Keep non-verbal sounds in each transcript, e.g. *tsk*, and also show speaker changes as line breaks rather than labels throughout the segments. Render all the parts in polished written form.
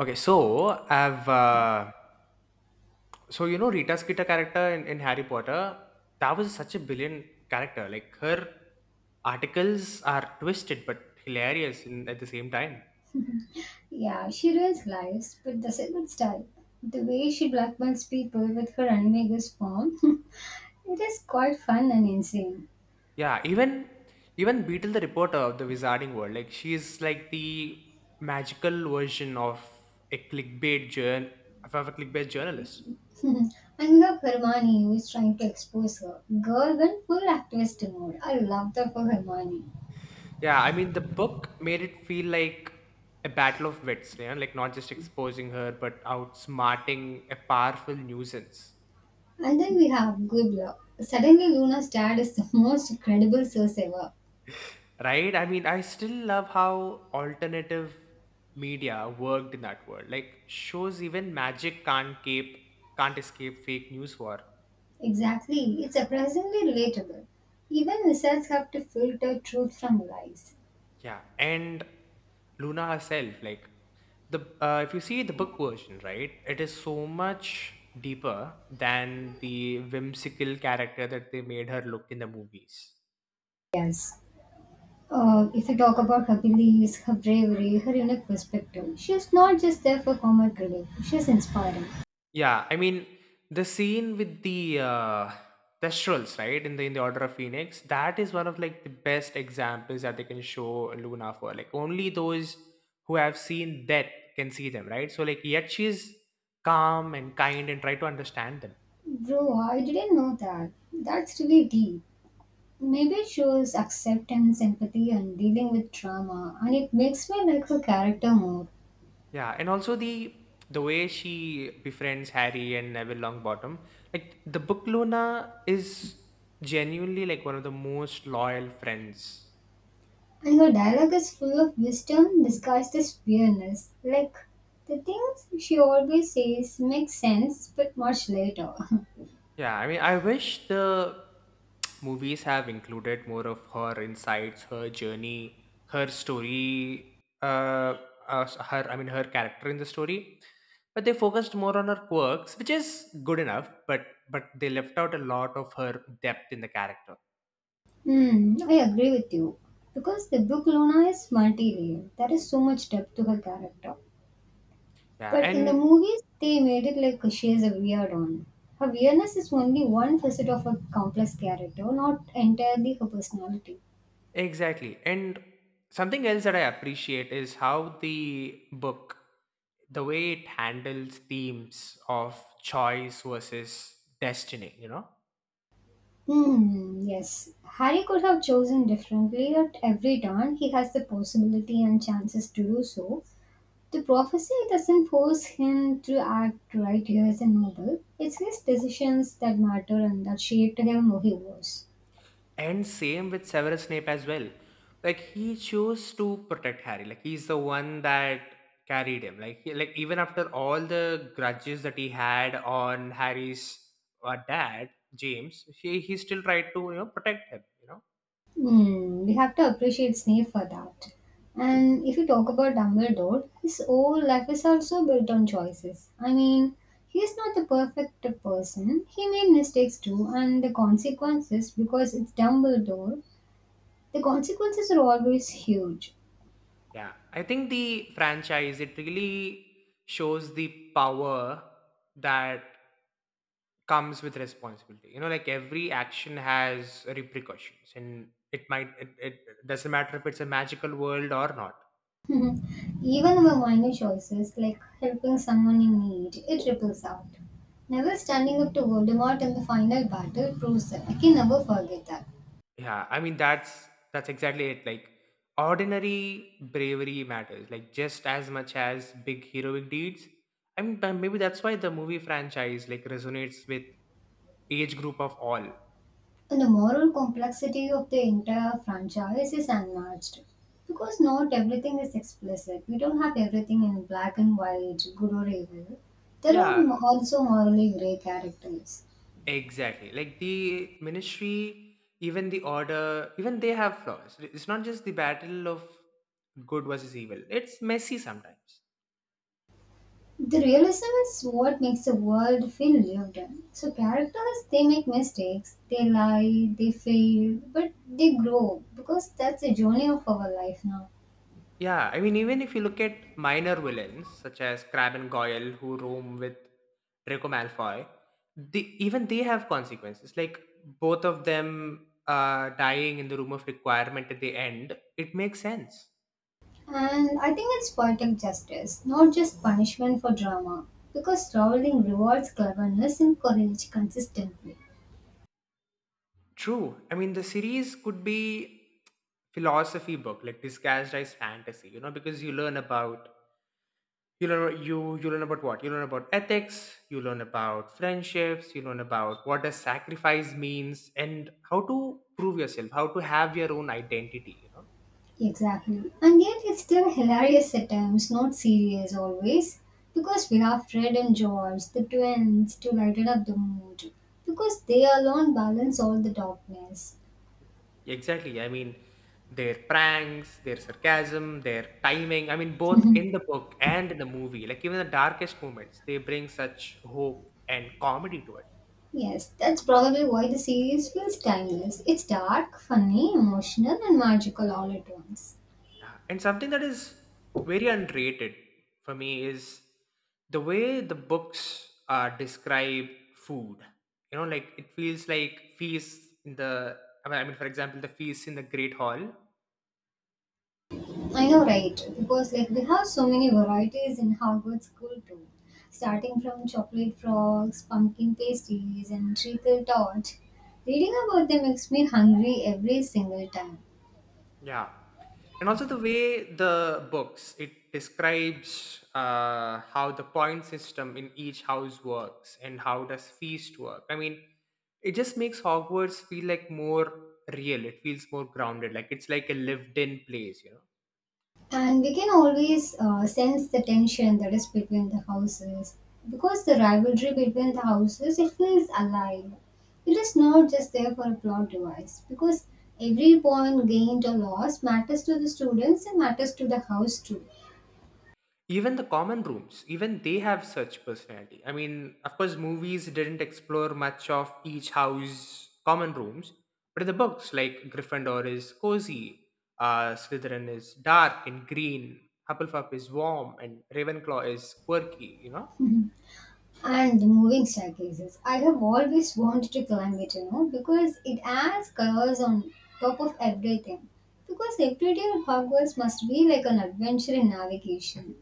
Okay, so I've so you know Rita Skeeter character in Harry Potter, that was such a brilliant character. Like her articles are twisted but hilarious in, at the same time.
Yeah, she ruins lives, but does it with style. The way she blackmails people with her unvegas form, *laughs* it is quite fun and insane.
Yeah, even Beetle the reporter of the Wizarding World, like she is like the magical version of a clickbait journal of a clickbait journalist.
*laughs* And we have Hermione who is trying to expose her. Girl went full activist mode. I love that for Hermione.
Yeah, I mean, the book made it feel like a battle of wits, yeah? Like not just exposing her, but outsmarting a powerful nuisance,
And then we have Guibla. Suddenly Luna's dad is the *laughs* most credible source ever.
right? I mean, I still love how alternative media worked in that world. Like shows, even magic can't escape fake news war.
Exactly, it's surprisingly relatable. Even wizards have to filter truth from lies.
Yeah, and Luna herself, like the if you see the book version, right, it is so much deeper than the whimsical character that they made her look in the movies.
Yes. If we talk about her beliefs, her bravery, her unique perspective, she's not just there for comic relief, she's inspiring.
Yeah, I mean the scene with Thestrals, right, in the Order of Phoenix, that is one of like the best examples that they can show Luna for. Like only those who have seen death can see them, right? So like yet she is calm and kind and try to understand them.
Bro, I didn't know that. That's really deep. Maybe it shows acceptance, empathy, and dealing with trauma, and it makes me like her character more.
Yeah, and also the way she befriends Harry and Neville Longbottom, like the book Luna is genuinely like one of the most loyal friends.
And her dialogue is full of wisdom disguised as fearness. Like, the things she always says make sense, but much later. *laughs*
Yeah, I mean, I wish the *tsk* movies have included more of her insights, her journey, her story, uh, her character in the story. But they focused more on her quirks, which is good enough. But they left out a lot of her depth in the character.
Hmm, I agree with you. Because the book Luna is multi-layered. There is so much depth to her character.
Yeah,
But in the
and
movies, they made it like she is a weird one. Her weirdness is only one facet of a complex character, not entirely her personality.
Exactly. And something else that I appreciate is how the book, the way it handles themes of choice versus destiny, you know?
Hmm, yes. Harry could have chosen differently at every turn. He has the possibility and chances to do so. The prophecy doesn't force him to act right here as a noble. It's his decisions that matter and that shaped him who he was.
And same with Severus Snape as well. Like he chose to protect Harry. Like he's the one that carried him. Like like even after all the grudges that he had on Harry's dad, James, he still tried to, you know, protect him, you know?
Hmm, we have to appreciate Snape for that. And if you talk about Dumbledore, his whole life is also built on choices. I mean, he is not the perfect person. He made mistakes too, and the consequences, because it's Dumbledore, the consequences are always huge.
Yeah, I think the franchise it really shows the power that comes with responsibility. You know, like every action has repercussions, and it doesn't matter if it's a magical world or not.
*laughs* Mhm. Even my minor choices, like helping someone in need, it ripples out. Never standing up to Voldemort in the final battle proves that. I can never forget that.
Yeah, I mean that's exactly it. Like ordinary bravery matters, like just as much as big heroic deeds. I mean, maybe that's why the movie franchise like resonates with age group of all.
And the moral complexity of the entire franchise is unmatched. Because not everything is explicit. We don't have everything in black and white, good or evil. There are
Yeah,
also morally grey characters.
exactly. Like the ministry, even the order, even they have flaws. It's not just the battle of good versus evil, it's messy sometimes.
The realism is what makes the world feel lived in. So characters they make mistakes, they lie, they fail, but they grow because that's the journey of our life now.
Yeah, I mean, even if you look at minor villains such as Crab and Goyle who roam with Draco Malfoy, even they have consequences. Like both of them dying in the room of requirement at the end, it makes sense.
And I think it's poetic justice, not just punishment for drama. Because traveling rewards cleverness and courage consistently.
True. I mean, the series could be philosophy book, like disguised as fantasy. You know, because you learn about you learn you you learn about what you learn about ethics, you learn about friendships, you learn about what does sacrifice means, and how to prove yourself, how to have your own identity. You know,
Exactly. And yet it's still hilarious at times, not serious always. Because we have Fred and George, the twins, to lighten up the mood. Because they alone balance all the darkness.
exactly. I mean, their pranks, their sarcasm, their timing. I mean, both in the book and in the movie, like even the darkest moments, they bring such hope and comedy to it.
Yes, that's probably why the series feels timeless. It's dark, funny, emotional, and magical all at once.
Yeah, and something that is very underrated for me is the way the books describe food. You know, like it feels like feasts in the. I mean, for example, the feasts in the Great Hall.
I know, right? Because like we have so many varieties in Hogwarts School too, starting from chocolate frogs, pumpkin pastries, and treacle torch. Reading about them makes me hungry every single time,
Yeah. And also the way the books it describes how the point system in each house works and how does feast work. I mean, it just makes Hogwarts feel like more real. It feels more grounded. Like it's like a lived-in place, you know.
and we can always sense the tension that is between the houses because the rivalry between the houses it feels alive. It is not just there for a plot device because every point gained or lost matters to the students and matters to the house too.
Even the common rooms, even they have such personality. I mean, of course movies didn't explore much of each house common rooms, but in the books, like Gryffindor is cozy, Slytherin is dark and green, Hufflepuff is warm, and Ravenclaw is quirky, you know.
And moving staircases. I have always wanted to climb it, you know, because it adds colors on top of everything. Because every day at Hogwarts must be like an adventure in navigation.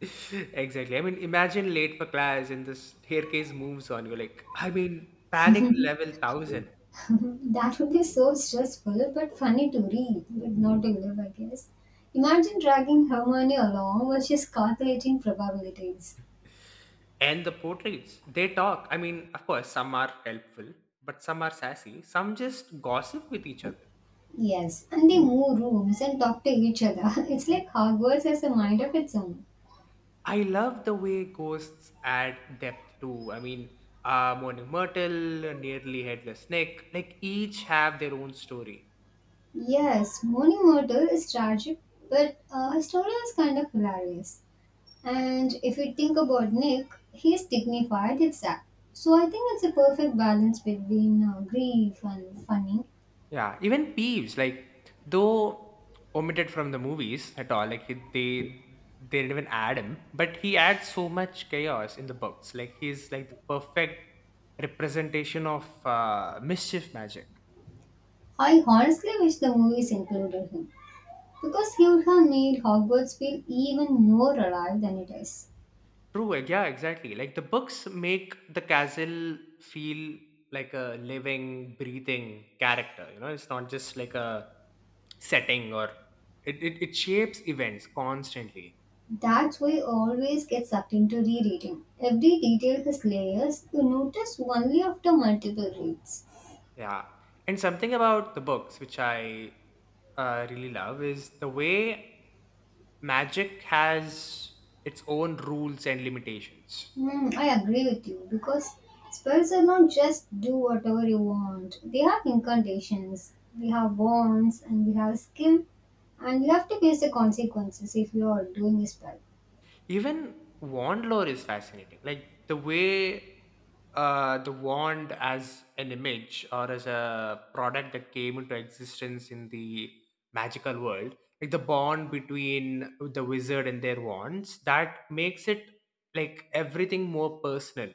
*laughs* Exactly. I mean, imagine late for class and the staircase moves on you, like, I mean, panic level 1000.
*laughs* That would be so stressful, but funny to read, but not to live, I guess. Imagine dragging Hermione along while she's calculating probabilities.
And the portraits, they talk. I mean, of course, some are helpful, but some are sassy. Some just gossip with each other.
Yes, and they move rooms and talk to each other. *laughs* It's like Hogwarts has a mind of its own.
I love the way ghosts add depth too. I mean, Morning Myrtle, Nearly Headless Nick, like each have their own story.
Yes, Morning Mortal is tragic, but his story is kind of hilarious. And if you think about Nick, he's dignified, it's sad. So I think it's a perfect balance between grief and funny.
Yeah, even Peeves, like though omitted from the movies at all, like they didn't even add him, but he adds so much chaos in the books. Like he's like the perfect representation of mischief magic.
I honestly wish the movies included him, because he would have made Hogwarts feel even more alive than it is.
True, like, yeah, exactly. Like the books make the castle feel like a living, breathing character. You know, it's not just like a setting or it shapes events constantly.
That's why I always get sucked into rereading. Every detail has layers you notice only after multiple reads.
Yeah. And something about the books which I really love is the way magic has its own rules and limitations.
Mm, I agree with you because spells are not just do whatever you want. They have incantations, we have wands, and we have skill, and you have to face the consequences if you are doing a spell.
Even wand lore is fascinating. Like the way the wand as an image or as a product that came into existence in the magical world, like the bond between the wizard and their wands, that makes it like everything more personal.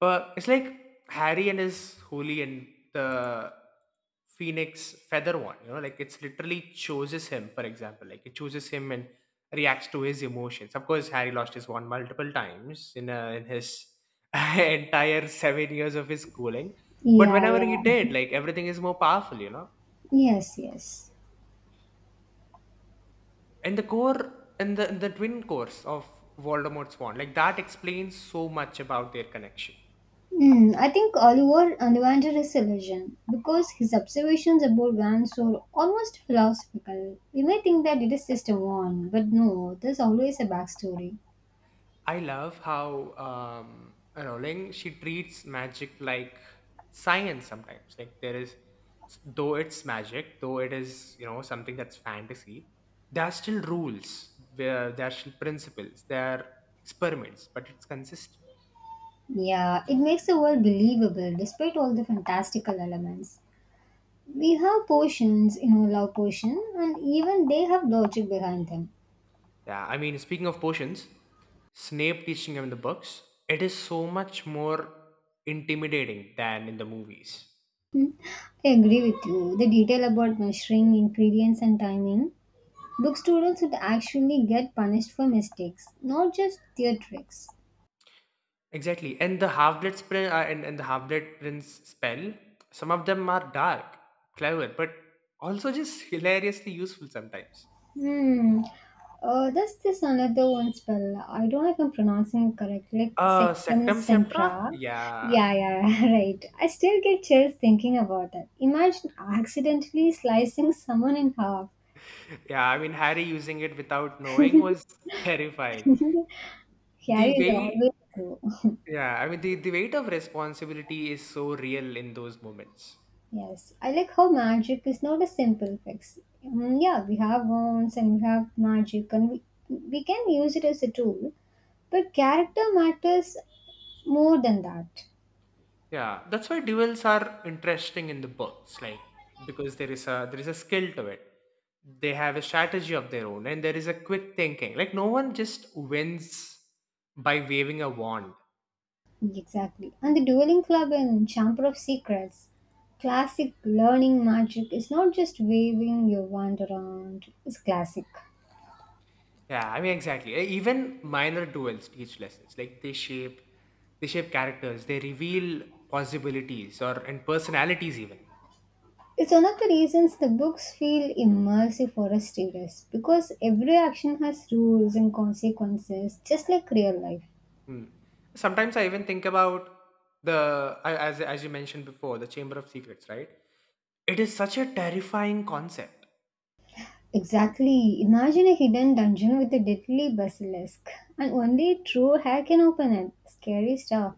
But it's like Harry and his holy and the Phoenix feather one, you know, like it's literally chooses him, for example. Like it chooses him and reacts to his emotions. Of course, Harry lost his wand multiple times in his *laughs* entire 7 years of his schooling. But
Yeah,
whenever he
yeah.
did, like everything is more powerful, you know.
Yes, yes.
And the twin cores of Voldemort's wand, like that explains so much about their connection.
Mm, I think Oliver Ollivander is a legend because his observations about wands are almost philosophical. You may think that it is just a wand, but no, there's always a backstory.
I love how you she treats magic like science sometimes. Like there is, though it's magic, though it is, you know, something that's fantasy. There are still rules. There are still principles. There are experiments, but it's consistent.
Yeah, it makes the world believable despite all the fantastical elements. We have potions, you know, love potion, and even they have logic behind them.
Yeah, I mean, speaking of potions, Snape teaching him in the books, it is so much more intimidating than in the movies.
Hmm, I agree with you. The detail about measuring ingredients and timing. Book students would actually get punished for mistakes, not just their tricks.
Exactly. And the half blood prince spell, some of them are dark, clever, but also just *laughs* hilariously useful sometimes.
Hmm. That's this another one spell. I don't know if I'm pronouncing it correctly. Like
Uh,
Sectum
Sectum Semptra?
Sempra.
Yeah. *laughs*
Yeah, yeah, *laughs* right. I still get chills thinking about that. Imagine accidentally slicing someone in half.
Yeah, I mean Harry using it without knowing was *laughs* terrifying. The
Harry is
weight
always true.
yeah, I mean the weight of responsibility is so real in those moments.
Yes, I like how magic is not a simple fix. Mm, yeah, we have wands and we have magic, and we can use it as a tool. But character matters more than that.
Yeah, that's why duels are interesting in the books, like because there is a skill to it. They have a strategy of their own, and there is a quick thinking. Like no one just wins by waving a wand.
Exactly. And the Dueling Club in Chamber of Secrets, classic learning magic is not just waving your wand around, it's classic.
Yeah, I mean exactly. Even minor duels teach lessons. Like they shape characters. They reveal possibilities or and personalities even.
It's one of the reasons the books feel immersive for us readers because every action has rules and consequences, just like real life.
Hmm. Sometimes I even think about as you mentioned before, the Chamber of Secrets, right? It is such a terrifying concept.
Exactly. Imagine a hidden dungeon with a deadly basilisk, and only a true hack can open it. Scary stuff.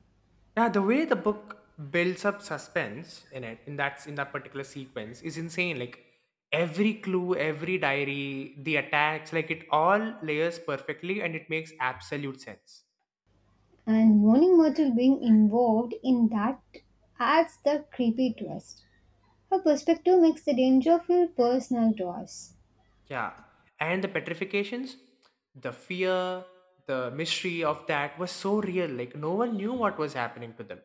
Now, the way the book builds up suspense in that particular sequence, is insane. Like every clue, every diary, the attacks, like it all layers perfectly, and it makes absolute sense.
And Mourning Myrtle being involved in that adds the creepy twist. Her perspective makes the danger feel personal to us.
Yeah, and the petrifications, the fear, the mystery of that was so real. Like no one knew what was happening to them.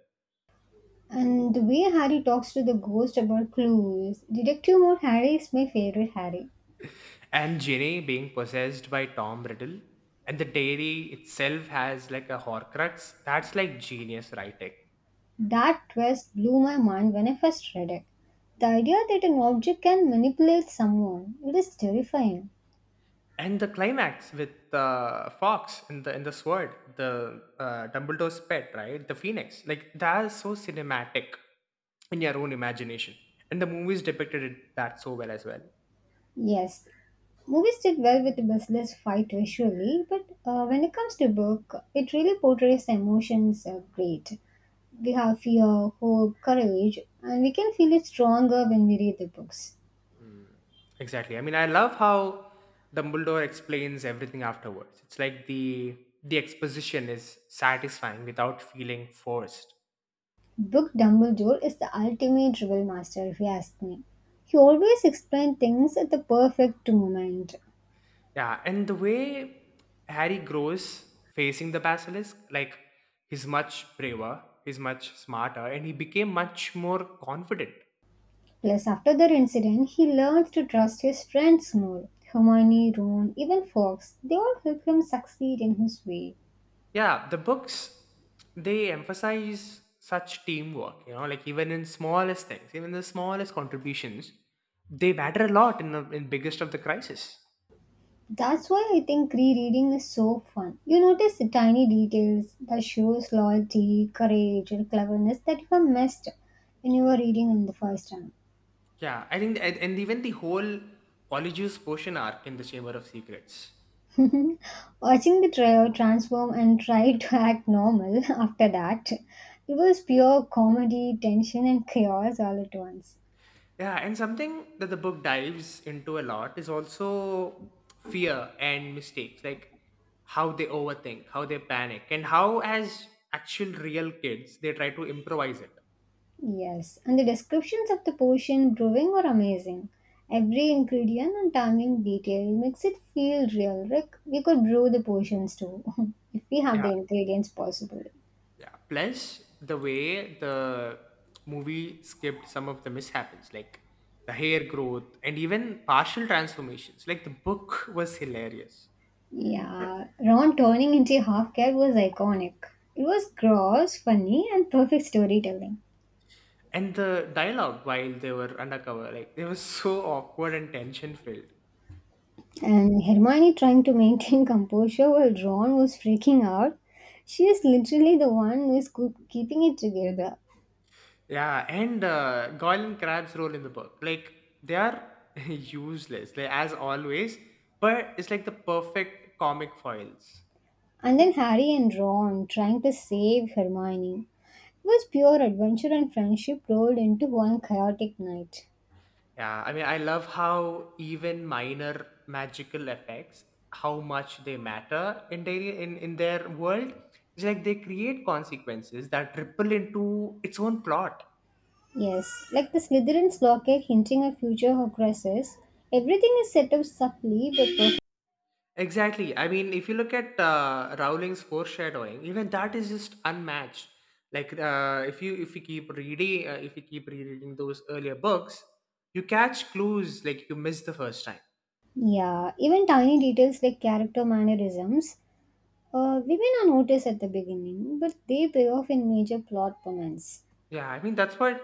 And the way Harry talks to the ghost about clues, Detective Mode Harry is my favorite Harry.
And Ginny being possessed by Tom Riddle, and the dairy itself has like a Horcrux. That's like genius writing.
That twist blew my mind when I first read it. The idea that an object can manipulate someone, it is terrifying.
And the climax with the fox and the sword, the Dumbledore's pet, right? The phoenix, like that's so cinematic in your own imagination. And the movies depicted it that so well as well.
Yes, movies did well with the Bustler's fight visually, but when it comes to book, it really portrays the emotions great. We have fear, hope, courage, and we can feel it stronger when we read the books.
Exactly. I mean, I love how Dumbledore explains everything afterwards. It's like the exposition is satisfying without feeling forced.
Book Dumbledore is the ultimate drill master, if you ask me. He always explained things at the perfect moment.
Yeah, and the way Harry grows facing the basilisk, like he's much braver, he's much smarter, and he became much more confident.
Plus, after that incident, he learns to trust his friends more. Hermione, Ron, even Fox, they all help him succeed in his way.
Yeah, the books they emphasize such teamwork, you know, like even in smallest things, even the smallest contributions, they matter a lot in the in biggest of the crisis.
That's why I think rereading is so fun. You notice the tiny details that shows loyalty, courage, and cleverness that you have missed when you were reading in the first time.
Yeah, I think, and even the whole Polyjuice potion arc in the Chamber of Secrets.
*laughs* Watching the trio transform and try to act normal *laughs* after that, it was pure comedy, tension, and chaos all at once.
Yeah, and something that the book dives into a lot is also fear and mistakes, like how they overthink, how they panic, and how, as actual real kids, they try to improvise it.
Yes, and the descriptions of the potion brewing are amazing. Every ingredient and timing detail makes it feel real. Like we could brew the potions too, *laughs* if we have
Yeah,
the ingredients possible.
yeah. Plus, the way the movie skipped some of the mishaps, like the hair growth and even partial transformations. Like the book was hilarious.
Yeah, Ron turning into a half cat was iconic. It was gross, funny, and perfect storytelling.
And the dialogue while they were undercover, like they were so awkward and tension filled.
And Hermione trying to maintain *laughs* composure while Ron was freaking out. She is literally the one who is keeping it together.
Yeah, and Goyle Crab's role in the book, like they are *laughs* useless, like as always, but it's like the perfect comic foils.
And then Harry and Ron trying to save Hermione. It was pure adventure and friendship rolled into one chaotic night.
Yeah, I mean, I love how even minor magical effects, how much they matter in daily in their world. It's like they create consequences that ripple into its own plot.
Yes, like the Slytherin's locket hinting at future Horcruxes, everything is set up subtly but perfect.
Exactly. I mean, if you look at Rowling's foreshadowing, even that is just unmatched. If you keep reading, if you keep rereading those earlier books, you catch clues like you missed the first time.
Yeah, even tiny details like character mannerisms, women are noticed at the beginning, but they pay off in major plot moments.
Yeah, I mean that's what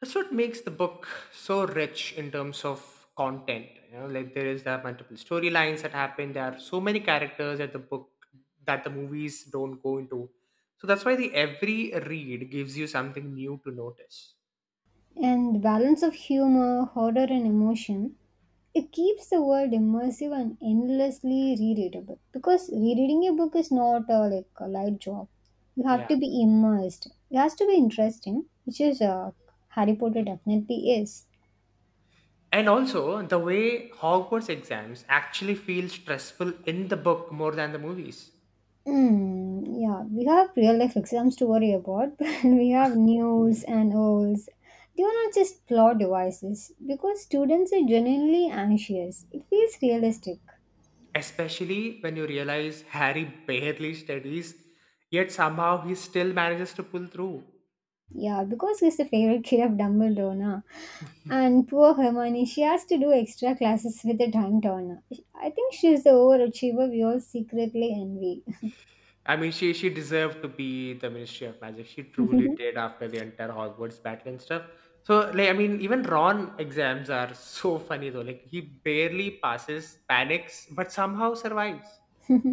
that's what makes the book so rich in terms of content. You know, like there are multiple storylines that happen. There are so many characters that the book that the movies don't go into. So that's why the every read gives you something new to notice.
And the balance of humor, horror, and emotion, it keeps the world immersive and endlessly rereadable. Because rereading a book is not a, like a light job; you
Yeah.
have to be immersed. It has to be interesting, which is Harry Potter definitely is.
And also, the way Hogwarts exams actually feel stressful in the book more than the movies.
Mm, yeah, we have real life exams to worry about, *laughs* but we have news and olds. They are not just plot devices because students are genuinely anxious. It feels realistic.
Especially when you realize Harry barely studies, yet somehow he still manages to pull through.
Yeah, because he's the favorite kid of Dumbledore, na? And poor Hermione, she has to do extra classes with the Dumbledore. I think she's the overachiever we all secretly envy.
I mean, she deserved to be the Ministry of Magic. She truly did after the entire Hogwarts battle and stuff. So, like, I mean, even Ron exams are so funny though. Like, he barely passes, panics, but somehow survives.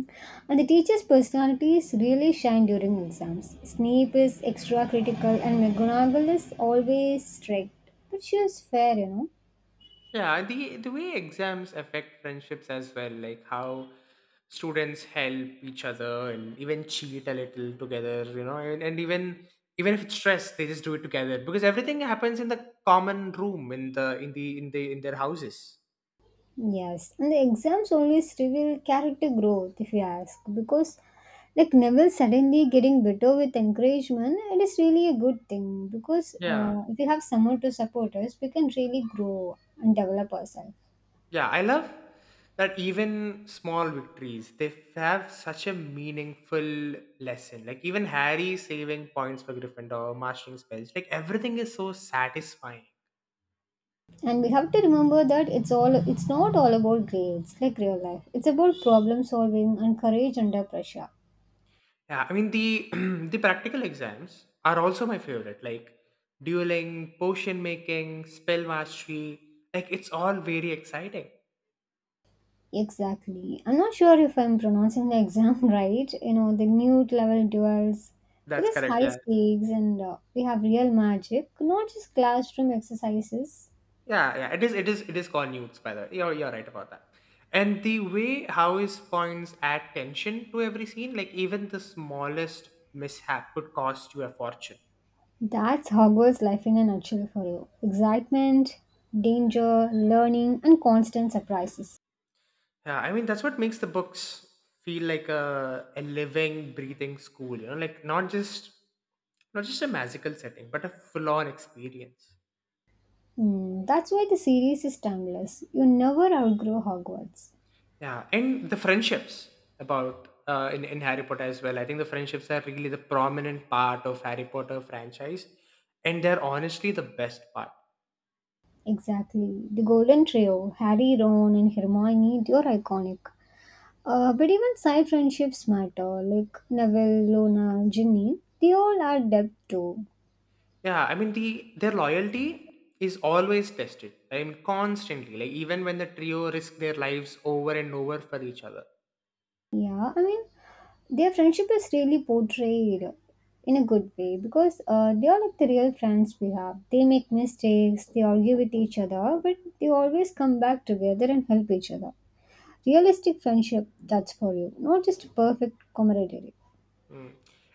*laughs* And the teacher's personalities really shine during exams. Snape is extra critical and McGonagall is always strict. But she is fair, you know.
Yeah, the way exams affect friendships as well, like how students help each other and even cheat a little together, you know, and even even if it's stress, they just do it together because everything happens in the common room in their houses.
Yes, and the exams always reveal character growth, if you ask, because like Neville suddenly getting better with encouragement, it is really a good thing because
Yeah,
if we have someone to support us, we can really grow and develop ourselves.
yeah, I love that even small victories they have such a meaningful lesson. Like even Harry saving points for Gryffindor, mastering spells, like everything is so satisfying.
And we have to remember that it's not all about grades like real life. It's about problem solving and courage under pressure.
Yeah, I mean the *clears throat* the practical exams are also my favorite. Like dueling, potion making, spell mastery. Like it's all very exciting.
Exactly. I'm not sure if I'm pronouncing the exam *laughs* right. You know, the newt level duels. It
That's
is
correct.
high
Yeah,
stakes and we have real magic, not just classroom exercises.
yeah. It is. It is. It is called newts, by the way. You're right about that. And the way how his points add tension to every scene, like even the smallest mishap could cost you a fortune.
That's Hogwarts life in a nutshell for you. Excitement, danger, learning, and constant surprises.
Yeah, I mean that's what makes the books feel like a living, breathing school. You know, like Not just a magical setting, but a full-on experience.
Hmm, that's why the series is timeless. You never outgrow Hogwarts.
Yeah, and the friendships about in Harry Potter as well. I think the friendships are really the prominent part of Harry Potter franchise, and they're honestly the best part.
Exactly. The Golden Trio, Harry, Ron, and Hermione, they're iconic. But even side friendships matter, like Neville, Lona, Ginny. They all add depth too.
Yeah, I mean the their loyalty is always tested. I mean constantly, like even when the trio risk their lives over and over for each other.
Yeah, I mean, their friendship is really portrayed in a good way because they are like the real friends we have. They make mistakes, they argue with each other, but they always come back together and help each other. Realistic friendship, that's for you, not just perfect camaraderie.
Mm.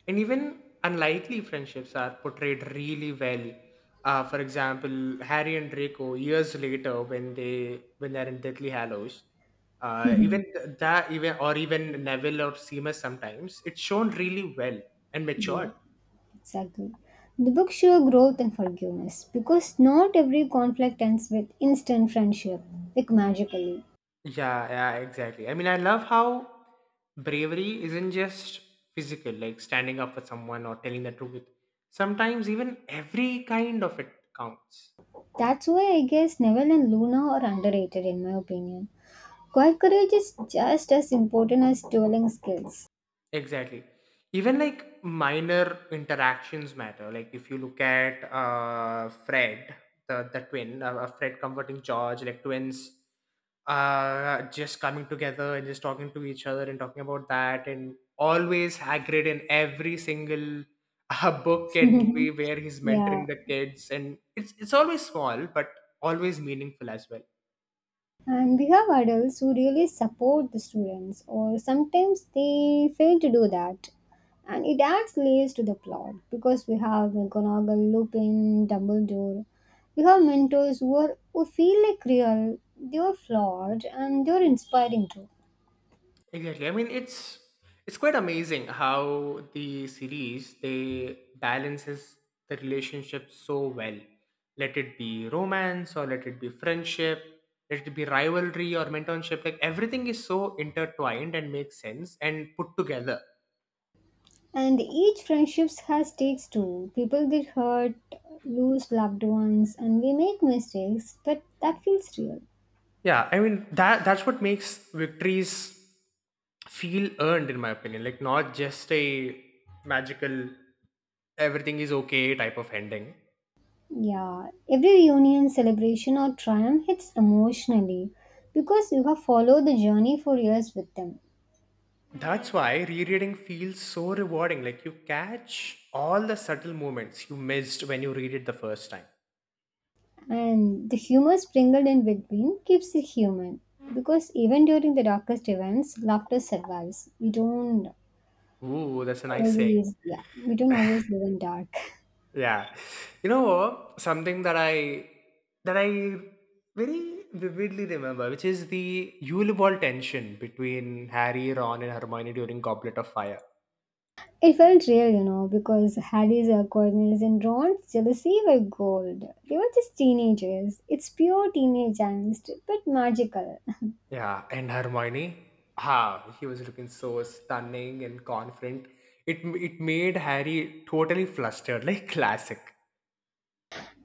And even unlikely friendships are portrayed really well. For example, Harry and Draco years later, when they're in Deathly Hallows, even
*laughs*
th- that even or even Neville or Seamus sometimes it's shown really well and
Yeah.
matured.
Exactly. The book shows growth and forgiveness because not every conflict ends with instant friendship, like magically.
Yeah, yeah, exactly. I mean, I love how bravery isn't just physical, like standing up for someone or telling the truth. Sometimes even every kind of it counts.
That's why I guess Neville and Luna are underrated in my opinion. Quiet courage is just as important as dueling skills.
Exactly. Even like minor interactions matter. Like if you look at Fred, the twin, Fred comforting George, like twins, just coming together and just talking to each other and talking about that, and always Hagrid in every single *laughs* book and
*laughs*
movie where he's
Yeah.
mentoring the kids, and it's always small but always meaningful as well.
And we have adults who really support the students, or sometimes they fail to do that. And it adds layers to the plot because we have McGonagall, Lupin, Dumbledore. We have mentors who, are, who feel like real, they are flawed, and they are inspiring too.
Exactly. I mean, it's quite amazing how the series they balances the relationship so well. Let it be romance or let it be friendship, let it be rivalry or mentorship. Like everything is so intertwined and makes sense and put together.
And each friendships has stakes too. People get hurt, lose loved ones, and we make mistakes, but that feels real.
Yeah, I mean that's what makes victories feel earned in my opinion. Like not just a magical everything is okay type of ending.
Yeah, every reunion, celebration, or triumph hits emotionally because you have followed the journey for years with them.
That's why rereading feels so rewarding. Like you catch all the subtle moments you missed when you read it the first time.
And the humor sprinkled in between keeps it human because even during the darkest events, laughter survives. We don't
Ooh, that's a nice saying.
always, yeah, we don't always live in dark. *laughs*
Yeah. You know, something that I very vividly remember, which is the Yule Ball tension between Harry, Ron, and Hermione during Goblet of Fire.
It felt real, you know, because Harry's awkwardness and Ron's jealousy were gold. They were just teenagers. It's pure teenage angst, but magical.
Yeah, and Hermione, ah, he was looking so stunning and confident. It made Harry totally flustered, like classic.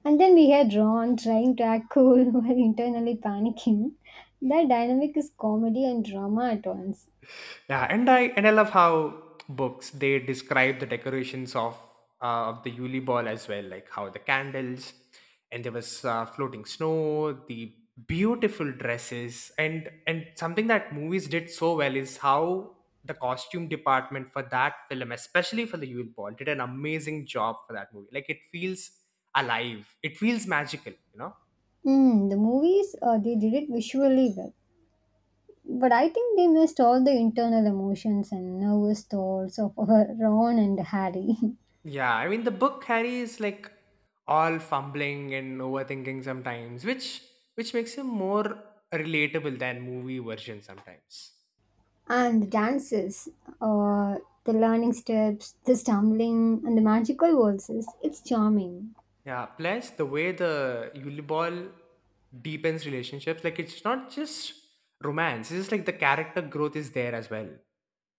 And then we had Ron trying to act cool *laughs* while internally panicking. That dynamic is comedy and drama at once.
Yeah, and I love how books they describe the decorations of of the Yule ball as well, like how the candles and there was floating snow, the beautiful dresses, and something that movies did so well is how the costume department for that film, especially for the Yule ball, did an amazing job for that movie. Like it feels alive, it feels magical, you know.
Mm, the movies, they did it visually well. But I think they missed all the internal emotions and nervous thoughts of our *laughs* Ron and Harry.
Yeah, I mean the book carries like all fumbling and overthinking sometimes, which makes him more relatable than movie version sometimes.
*laughs* And the dances, uh, the learning steps, the stumbling, and the magical waltzes. It's charming.
Yeah, plus the way the Yuli Ball deepens relationships, like it's not just romance, it's just like the character growth is there as well.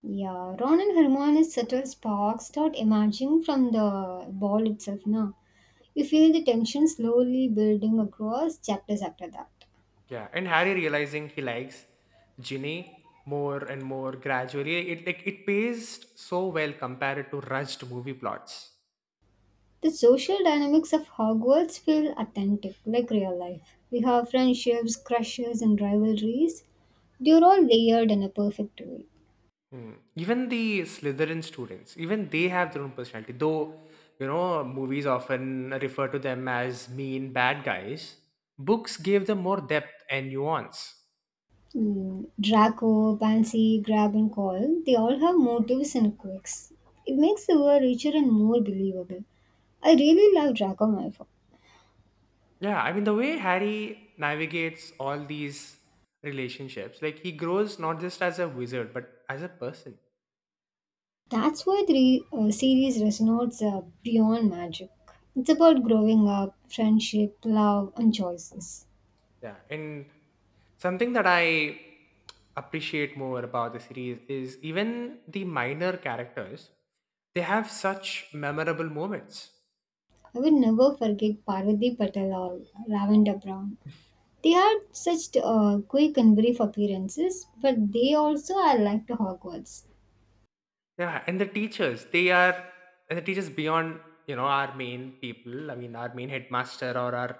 Yeah, Ron and Hermione's subtle sparks start emerging from the ball itself, na? You feel the tension slowly building across chapters after that.
Yeah, and Harry realizing he likes Ginny more and more gradually, it like it paced so well compared to rushed movie plots.
The social dynamics of Hogwarts feel authentic, like real life. We have friendships, crushes, and rivalries. They're all layered in a perfect way.
Hmm. Even the Slytherin students, even they have their own personality. Though, you know, movies often refer to them as mean bad guys, books gave them more depth and nuance.
Mm, Draco, Pansy, Grab, and Call, they all have motives and quirks. It makes the world richer and more believable. I really love Draco Malfoy.
Yeah, I mean, the way Harry navigates all these relationships, like he grows not just as a wizard, but as a person.
That's why the re- Series resonates beyond magic. It's about growing up, friendship, love, and choices.
Yeah, and something that I appreciate more about the series is even the minor characters, they have such memorable moments.
I will never forget Parvati Patel or Lavender Brown. They had such quick and brief appearances, but they also are like to Hogwarts.
Yeah, and the teachers, they are, and the teachers beyond, you know, our main people, I mean, our main headmaster or our,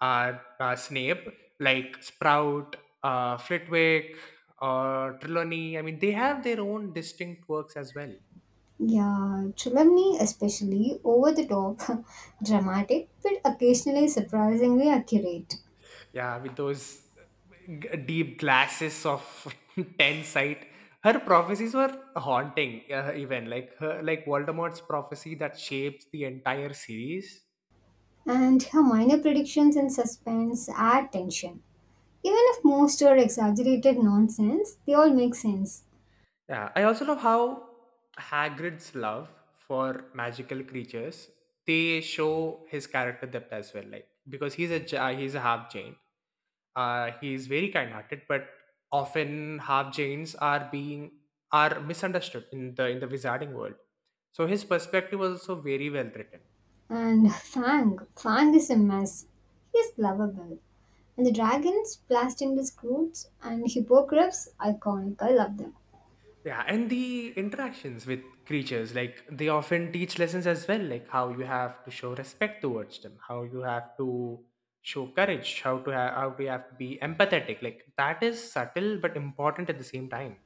our, uh Snape, like Sprout, Flitwick, or Trelawney, I mean, they have their own distinct works as well.
Yeah, Chulamni especially over the top, *laughs* dramatic, but occasionally surprisingly accurate.
Yeah, with those deep glasses of *laughs* 10 sight. Her prophecies were haunting, even like her, like Voldemort's prophecy that shapes the entire series.
And her minor predictions and suspense add tension. Even if most are exaggerated nonsense, they all make sense.
Yeah, I also love how Hagrid's love for magical creatures they show his character depth as well. Like because he's a half Jain. He's very kind-hearted, but often half Jains are misunderstood in the wizarding world. So his perspective was also very well written.
And *laughs* Fang, Fang is a mess. He is lovable. And the dragons, blasting the Croods, and Hippogriffs, iconic. I love them.
Yeah, and the interactions with creatures, like they often teach lessons as well, like how you have to show respect towards them, how you have to show courage, how you have to be empathetic. Like that is subtle but important at the same time.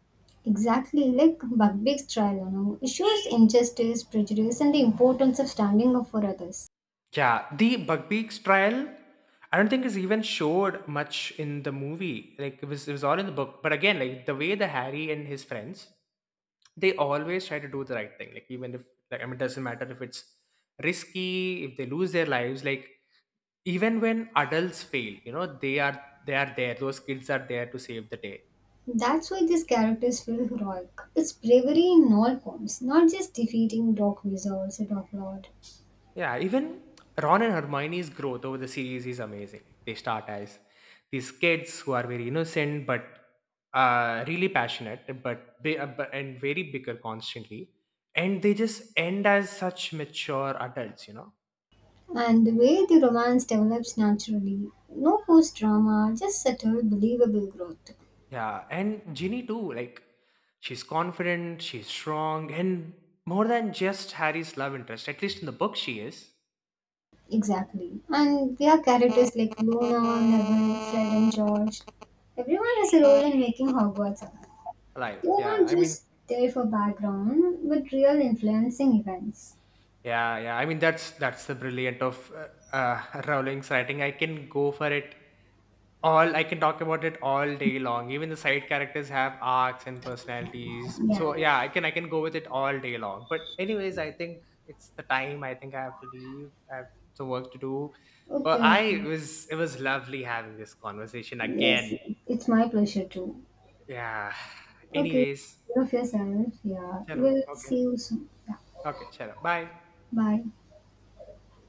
Exactly like Buckbeak's trial, you know. It shows injustice, prejudice, and the importance of standing up for others.
Yeah, the Bugbeak's trial, I don't think is even showed much in the movie. Like it was all in the book. But again, like the way the Harry and his friends, they always try to do the right thing. Like even if, like I mean, it doesn't matter if it's risky, if they lose their lives. Like even when adults fail, you know, they are there. Those kids are there to save the day.
That's why these characters feel heroic. It's bravery in all forms, not just defeating Dark Wizards or Dark Lord.
Yeah, even Ron and Hermione's growth over the series is amazing. They start as these kids who are very innocent but really passionate, but they bu- and very bicker constantly, and they just end as such mature adults, you know.
And the way the romance develops naturally, no forced drama, just subtle, believable growth.
Yeah, and Ginny too. Like she's confident, she's strong, and more than just Harry's love interest. At least in the book, she is
Exactly. And there are characters like Luna, Neville, Fred, and George. Everyone has a role in making Hogwarts alive.
alive.
They are
Yeah,
not
I mean.
just there for background, but real influencing events.
Yeah, yeah. I mean, that's the brilliant of *laughs* Rowling's writing. I can go for it all. I can talk about it all day long. Even the side characters have arcs and personalities.
Yeah.
So
Yeah.
yeah, I can go with it all day long. But anyways, I think it's the time. I think I have to leave. I have some work to do. But
Okay,
I
okay.
it was lovely having this conversation
Yes,
again.
yes. It's my pleasure too.
Yeah. *sighs*
Okay,
Anyways,
take care of yourself. Yeah,
hello.
we'll
Okay.
see you soon. Yeah.
Okay. Hello. Bye.
Bye.